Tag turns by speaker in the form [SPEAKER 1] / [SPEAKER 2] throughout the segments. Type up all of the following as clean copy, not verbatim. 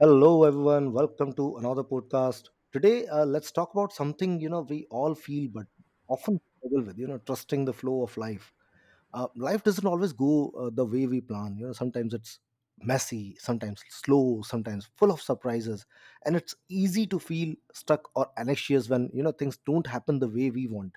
[SPEAKER 1] Hello, everyone. Welcome to another podcast. Today, let's talk about something you know we all feel, but often struggle with. You know, trusting the flow of life. Life doesn't always go the way we plan. You know, sometimes it's messy, sometimes slow, sometimes full of surprises, and it's easy to feel stuck or anxious when you know things don't happen the way we want.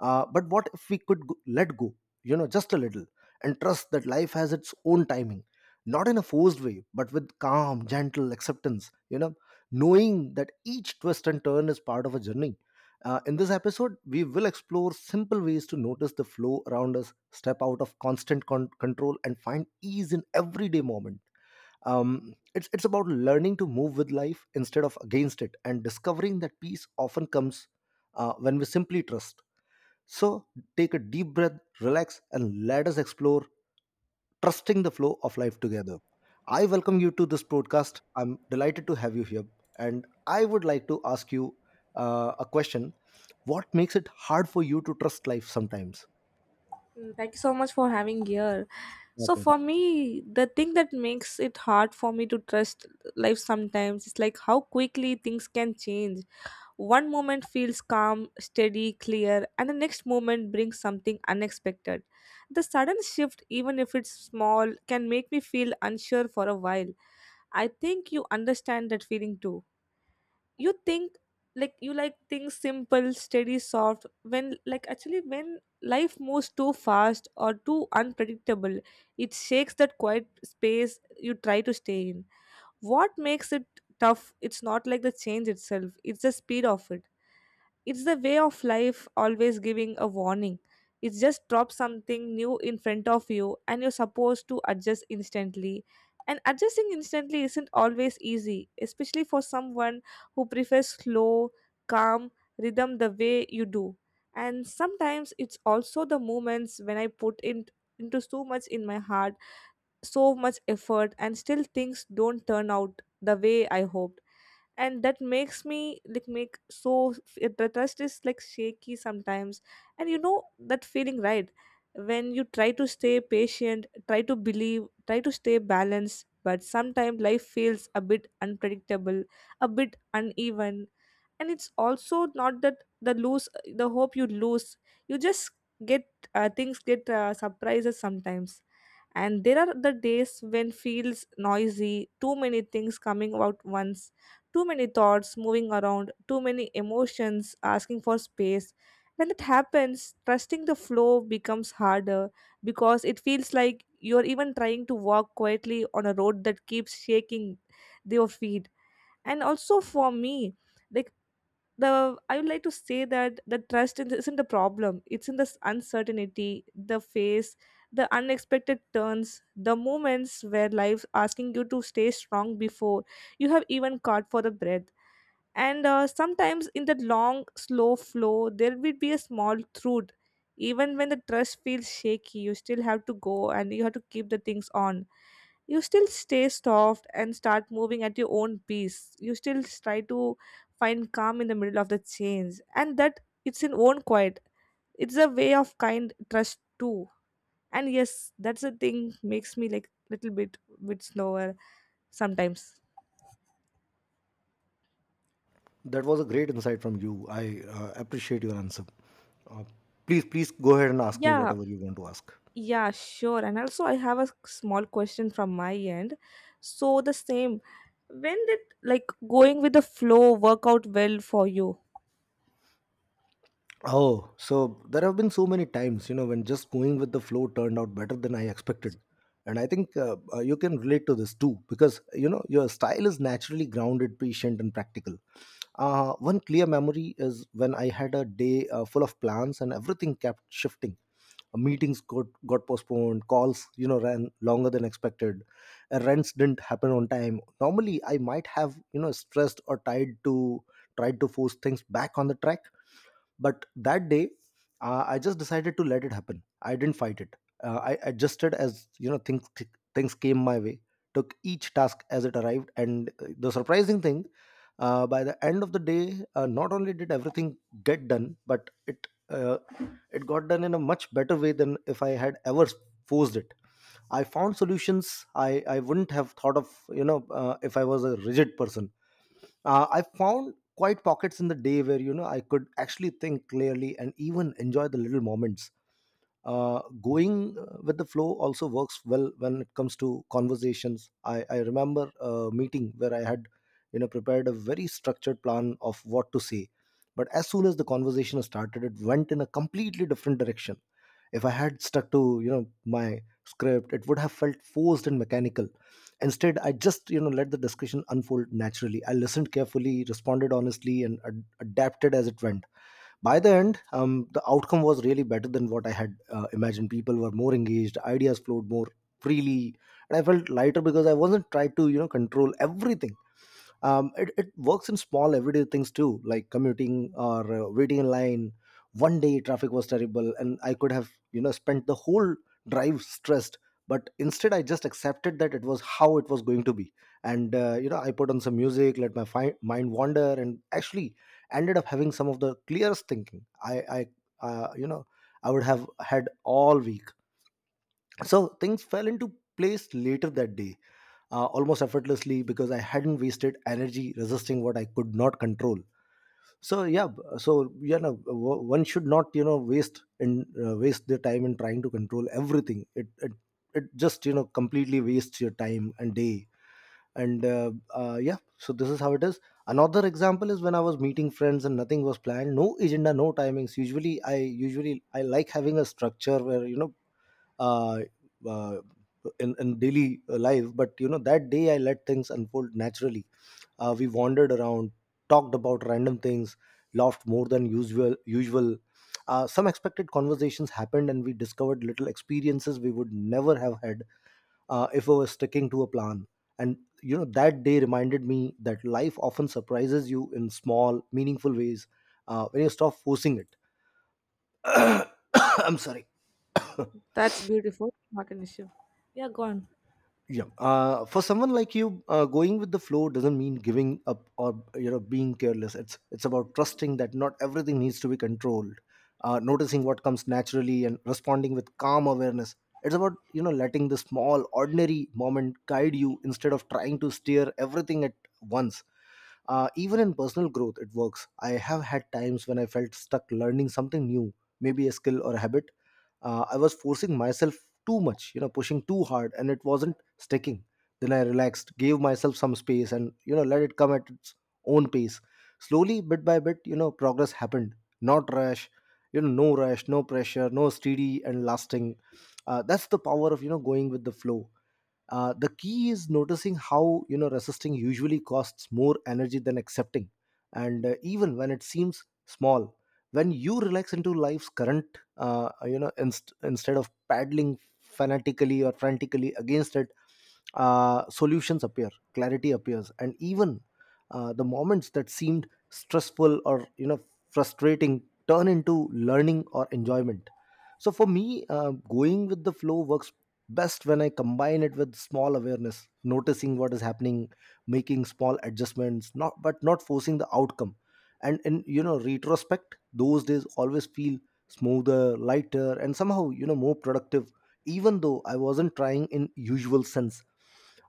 [SPEAKER 1] But what if we could let go, you know, just a little, and trust that life has its own timing, not in a forced way, but with calm, gentle acceptance, you know, knowing that each twist and turn is part of a journey. In this episode, we will explore simple ways to notice the flow around us, step out of control, and find ease in everyday moment. It's about learning to move with life instead of against it, and discovering that peace often comes when we simply trust. So take a deep breath, relax, and let us explore trusting the flow of life together. I welcome you to this podcast. I'm delighted to have you here. And I would like to ask you a question. What makes it hard for you to trust life sometimes?
[SPEAKER 2] Thank you so much for having here. So
[SPEAKER 1] Okay.
[SPEAKER 2] for me, the thing that makes it hard for me to trust life sometimes is like how quickly things can change. One moment feels calm, steady, clear, and the next moment brings something unexpected. The sudden shift, even if it's small, can make me feel unsure for a while. I think you understand that feeling too, you think, like you like things simple, steady, soft, when like actually when life moves too fast or too unpredictable, it shakes that quiet space you try to stay in. What makes it tough, it's not like the change itself, it's the speed of it. It's the way of life always giving a warning. It just drops something new in front of you and you're supposed to adjust instantly. And adjusting instantly isn't always easy, especially for someone who prefers slow, calm rhythm the way you do. And sometimes it's also the moments when I put in into so much in my heart, so much effort, and still things don't turn out the way I hoped, and that makes me like make so, it- the trust is like shaky sometimes, and you know that feeling, right? When you try to stay patient, try to believe, try to stay balanced, but sometimes life feels a bit unpredictable, a bit uneven. And it's also not that the lose, the hope you lose, you just get, things get surprises sometimes. And there are the days when feels noisy, too many things coming out once, too many thoughts moving around, too many emotions asking for space. When it happens, trusting the flow becomes harder, because it feels like you're even trying to walk quietly on a road that keeps shaking your feet. And also for me, like, the I would like to say that the trust is- isn't the problem. It's in this uncertainty, the phase, the unexpected turns, the moments where life's asking you to stay strong before you have even caught for the breath. And sometimes in that long, slow flow, there will be a small truth. Even when the trust feels shaky, you still have to go and you have to keep the things on. You still stay soft and start moving at your own pace. You still try to find calm in the middle of the change, and that, it's in own quiet. It's a way of kind trust too. And yes, that's the thing makes me like little bit, bit slower sometimes.
[SPEAKER 1] That was a great insight from you. I appreciate your answer. Uh, please, please go ahead and ask me
[SPEAKER 2] Yeah,
[SPEAKER 1] whatever you want to ask.
[SPEAKER 2] yeah, sure. And also, I have a small question from my end. So the same, when did like going with the flow work out well for you?
[SPEAKER 1] Oh, so there have been so many times, you know, when just going with the flow turned out better than I expected. And I think you can relate to this too, because, you know, your style is naturally grounded, patient, and practical. One clear memory is when I had a day full of plans and everything kept shifting. Meetings got postponed, calls, you know, ran longer than expected, rents didn't happen on time. Normally, I might have, you know, stressed or tied to tried to force things back on the track, but that day, I just decided to let it happen. I didn't fight it. I adjusted as you know things came my way. Took each task as it arrived, and the surprising thing, by the end of the day, not only did everything get done, but it got done in a much better way than if I had ever forced it. I found solutions I wouldn't have thought of, you know, if I was a rigid person. I found quite pockets in the day where you know I could actually think clearly and even enjoy the little moments. Going with the flow also works well when it comes to conversations. I remember a meeting where I had you know prepared a very structured plan of what to say, but as soon as the conversation started, it went in a completely different direction. If I had stuck to, you know, my script, it would have felt forced and mechanical. Instead, I just, you know, let the discussion unfold naturally. I listened carefully, responded honestly, and adapted as it went. By the end, the outcome was really better than what I had imagined. People were more engaged, ideas flowed more freely, and I felt lighter because I wasn't tried to, you know, control everything. It works in small everyday things too, like commuting or waiting in line. One day traffic was terrible and I could have you know spent the whole drive stressed, but instead I just accepted that it was how it was going to be. And you know, I put on some music, let mind wander, and actually ended up having some of the clearest thinking I you know I would have had all week. So things fell into place later that day, almost effortlessly because I hadn't wasted energy resisting what I could not control. So you know, one should not you know waste and waste their time in trying to control everything. It just you know completely wastes your time and day. And yeah, so this is how it is. Another example is when I was meeting friends and nothing was planned, no agenda, no timings. I usually I like having a structure where you know uh, uh, in daily life, but you know that day I let things unfold naturally. We wandered around, talked about random things, laughed more than usual. Some expected conversations happened and we discovered little experiences we would never have had if we were sticking to a plan. And you know that day reminded me that life often surprises you in small meaningful ways when you stop forcing it. I'm sorry.
[SPEAKER 2] That's beautiful. Not an issue. Yeah, go on.
[SPEAKER 1] Yeah, for someone like you, going with the flow doesn't mean giving up or you know being careless. It's about trusting that not everything needs to be controlled, noticing what comes naturally and responding with calm awareness. It's about you know letting the small ordinary moment guide you instead of trying to steer everything at once. Even in personal growth it works. I have had times when I felt stuck learning something new, maybe a skill or a habit. I was forcing myself too much, you know, pushing too hard, and it wasn't sticking. Then I relaxed, gave myself some space, and you know, let it come at its own pace. Slowly, bit by bit, you know, progress happened. Not rush, you know, no rush, no pressure, no steady and lasting. That's the power of you know going with the flow. The key is noticing how you know resisting usually costs more energy than accepting, and even when it seems small, when you relax into life's current, you know, instead of paddling fanatically or frantically against it, solutions appear, clarity appears, and even the moments that seemed stressful or you know frustrating turn into learning or enjoyment. So for me, going with the flow works best when I combine it with small awareness, noticing what is happening, making small adjustments, not but not forcing the outcome. And in you know retrospect, those days always feel smoother, lighter, and somehow you know more productive, even though I wasn't trying in usual sense.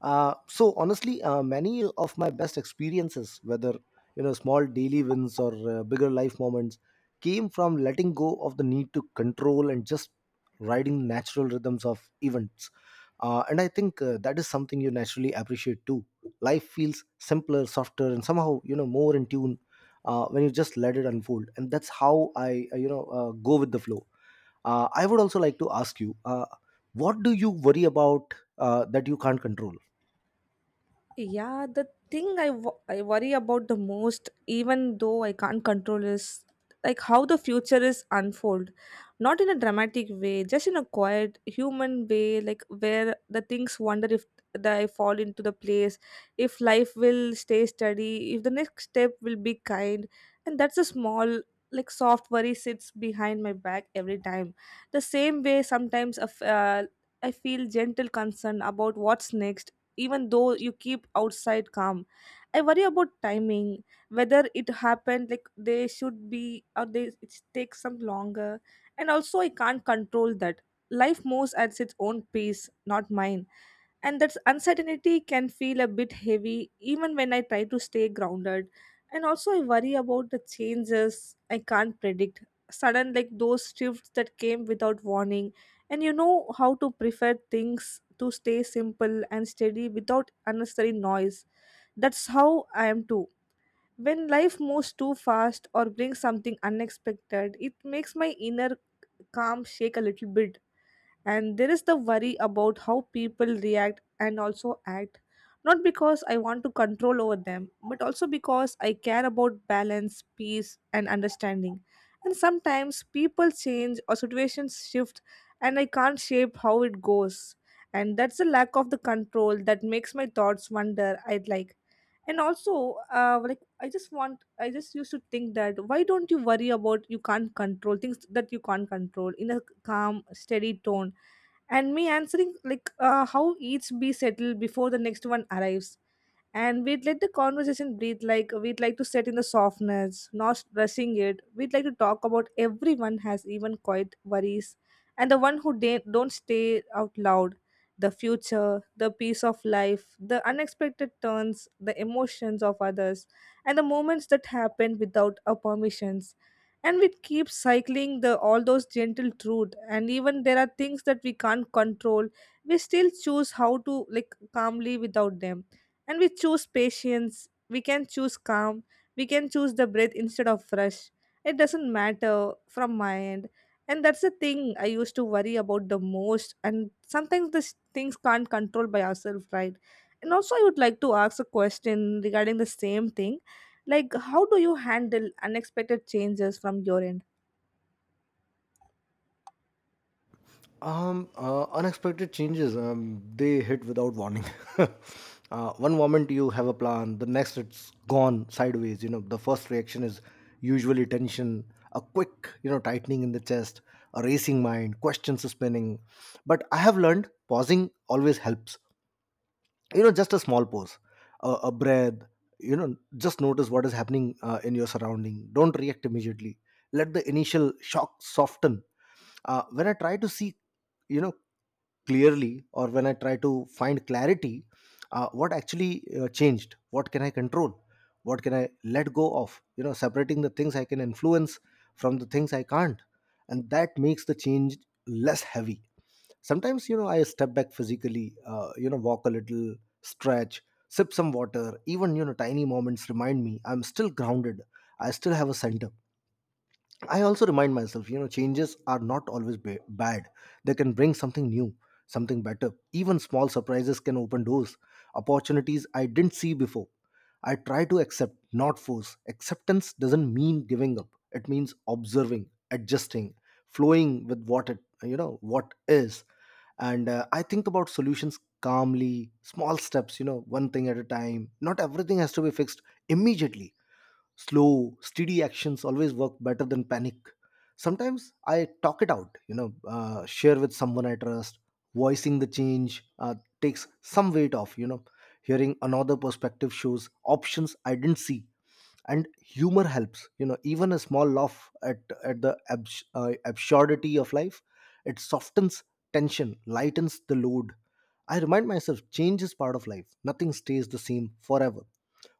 [SPEAKER 1] So honestly, many of my best experiences, whether you know small daily wins or bigger life moments, came from letting go of the need to control and just riding natural rhythms of events. And I think that is something you naturally appreciate too. Life feels simpler, softer, and somehow you know more in tune when you just let it unfold. And that's how I go with the flow. I would also like to ask you, what do you worry about that you can't control?
[SPEAKER 2] Yeah, the thing I worry about the most, even though I can't control, is like how the future is unfold. Not in a dramatic way, just in a quiet human way, like where the things wonder if they fall into the place, if life will stay steady, if the next step will be kind, and that's a small like soft worry sits behind my back every time. The same way sometimes a I feel gentle concern about what's next, even though you keep outside calm. I worry about timing, whether it happened like they should be or they it takes some longer, and also I can't control that life moves at its own pace, not mine, and that uncertainty can feel a bit heavy even when I try to stay grounded. And also, I worry about the changes I can't predict, sudden like those shifts that came without warning. And you know how to prefer things to stay simple and steady without unnecessary noise. That's how I am too. When life moves too fast or brings something unexpected, it makes my inner calm shake a little bit. And there is the worry about how people react and also act, not because I want to control over them, but also because I care about balance, peace and understanding. And sometimes people change or situations shift, and I can't shape how it goes, and that's the lack of the control that makes my thoughts wander. I'd like, and also, like, I just want, I just used to think that why don't you worry about you can't control things that you can't control in a calm, steady tone, and me answering like, how each be settled before the next one arrives. And we'd let the conversation breathe, like we'd like to sit in the softness, not rushing it. We'd like to talk about everyone has even quiet worries, and the one who da- don't stay out loud, the future, the peace of life, the unexpected turns, the emotions of others, and the moments that happen without our permissions. And we keep cycling the all those gentle truth, and even there are things that we can't control, we still choose how to like calmly without them. And we choose patience, we can choose calm, we can choose the breath instead of rush. It doesn't matter from my end, and that's the thing I used to worry about the most, and sometimes these things can't control by ourselves, right? And also I would like to ask a question regarding the same thing, like how do you handle unexpected changes from your end?
[SPEAKER 1] Unexpected changes. They hit without warning. One moment you have a plan, the next it's gone sideways. You know, the first reaction is usually tension, a quick, you know, tightening in the chest, a racing mind, questions spinning. But I have learned pausing always helps. You know, just a small pause, a breath, you know, just notice what is happening in your surrounding, don't react immediately, let the initial shock soften. When I try to see, you know, clearly, or when I try to find clarity, what actually changed, what can I control, what can I let go of, you know, separating the things I can influence from the things I can't, and that makes the change less heavy. Sometimes you know I step back physically, you know, walk a little, stretch, sip some water. Even you know tiny moments remind me I'm still grounded. I still have a center. I also remind myself, you know, changes are not always bad. They can bring something new, something better. Even small surprises can open doors, opportunities I didn't see before. I try to accept, not force. Acceptance doesn't mean giving up. It means observing, adjusting, flowing with what you know, what is. And I think about solutions calmly, small steps, you know, one thing at a time. Not everything has to be fixed immediately. Slow, steady actions always work better than panic. Sometimes I talk it out, you know, share with someone I trust. Voicing the change takes some weight off, you know, hearing another perspective shows options I didn't see. And humor helps, you know, even a small laugh at the absurdity of life. It softens tension, lightens the load. I remind myself change is part of life, nothing stays the same forever.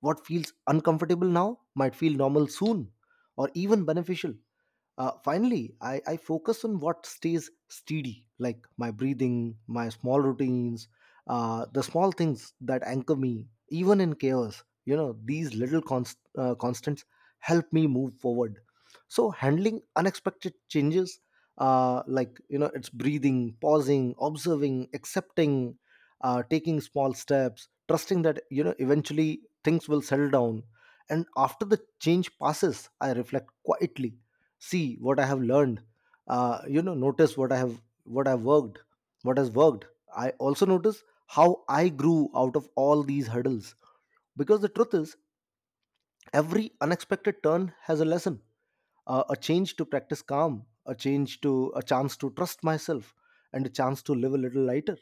[SPEAKER 1] What feels uncomfortable now might feel normal soon, or even beneficial. Finally, I focus on what stays steady, like my breathing, my small routines, the small things that anchor me, even in chaos. You know, these little constants help me move forward. So, handling unexpected changes, like, you know, it's breathing, pausing, observing, accepting, taking small steps, trusting that you know eventually things will settle down. And after the change passes, I reflect quietly, see what I have learned, you know, notice what i've worked what has worked. I also notice how I grew out of all these hurdles, because the truth is every unexpected turn has a lesson, a change to practice calm, a chance to trust myself, and a chance to live a little lighter.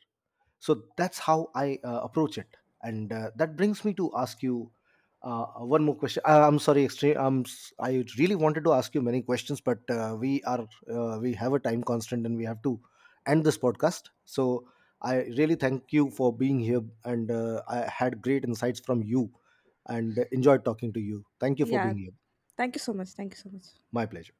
[SPEAKER 1] So that's how I approach it. And that brings me to ask you one more question. I'm sorry extreme I'm I really wanted to ask you many questions, but we have a time constraint and we have to end this podcast. So I really thank you for being here and I had great insights from you, and enjoyed talking to you. Thank you for
[SPEAKER 2] Yeah,
[SPEAKER 1] being here.
[SPEAKER 2] thank you so much, thank you so much.
[SPEAKER 1] My pleasure.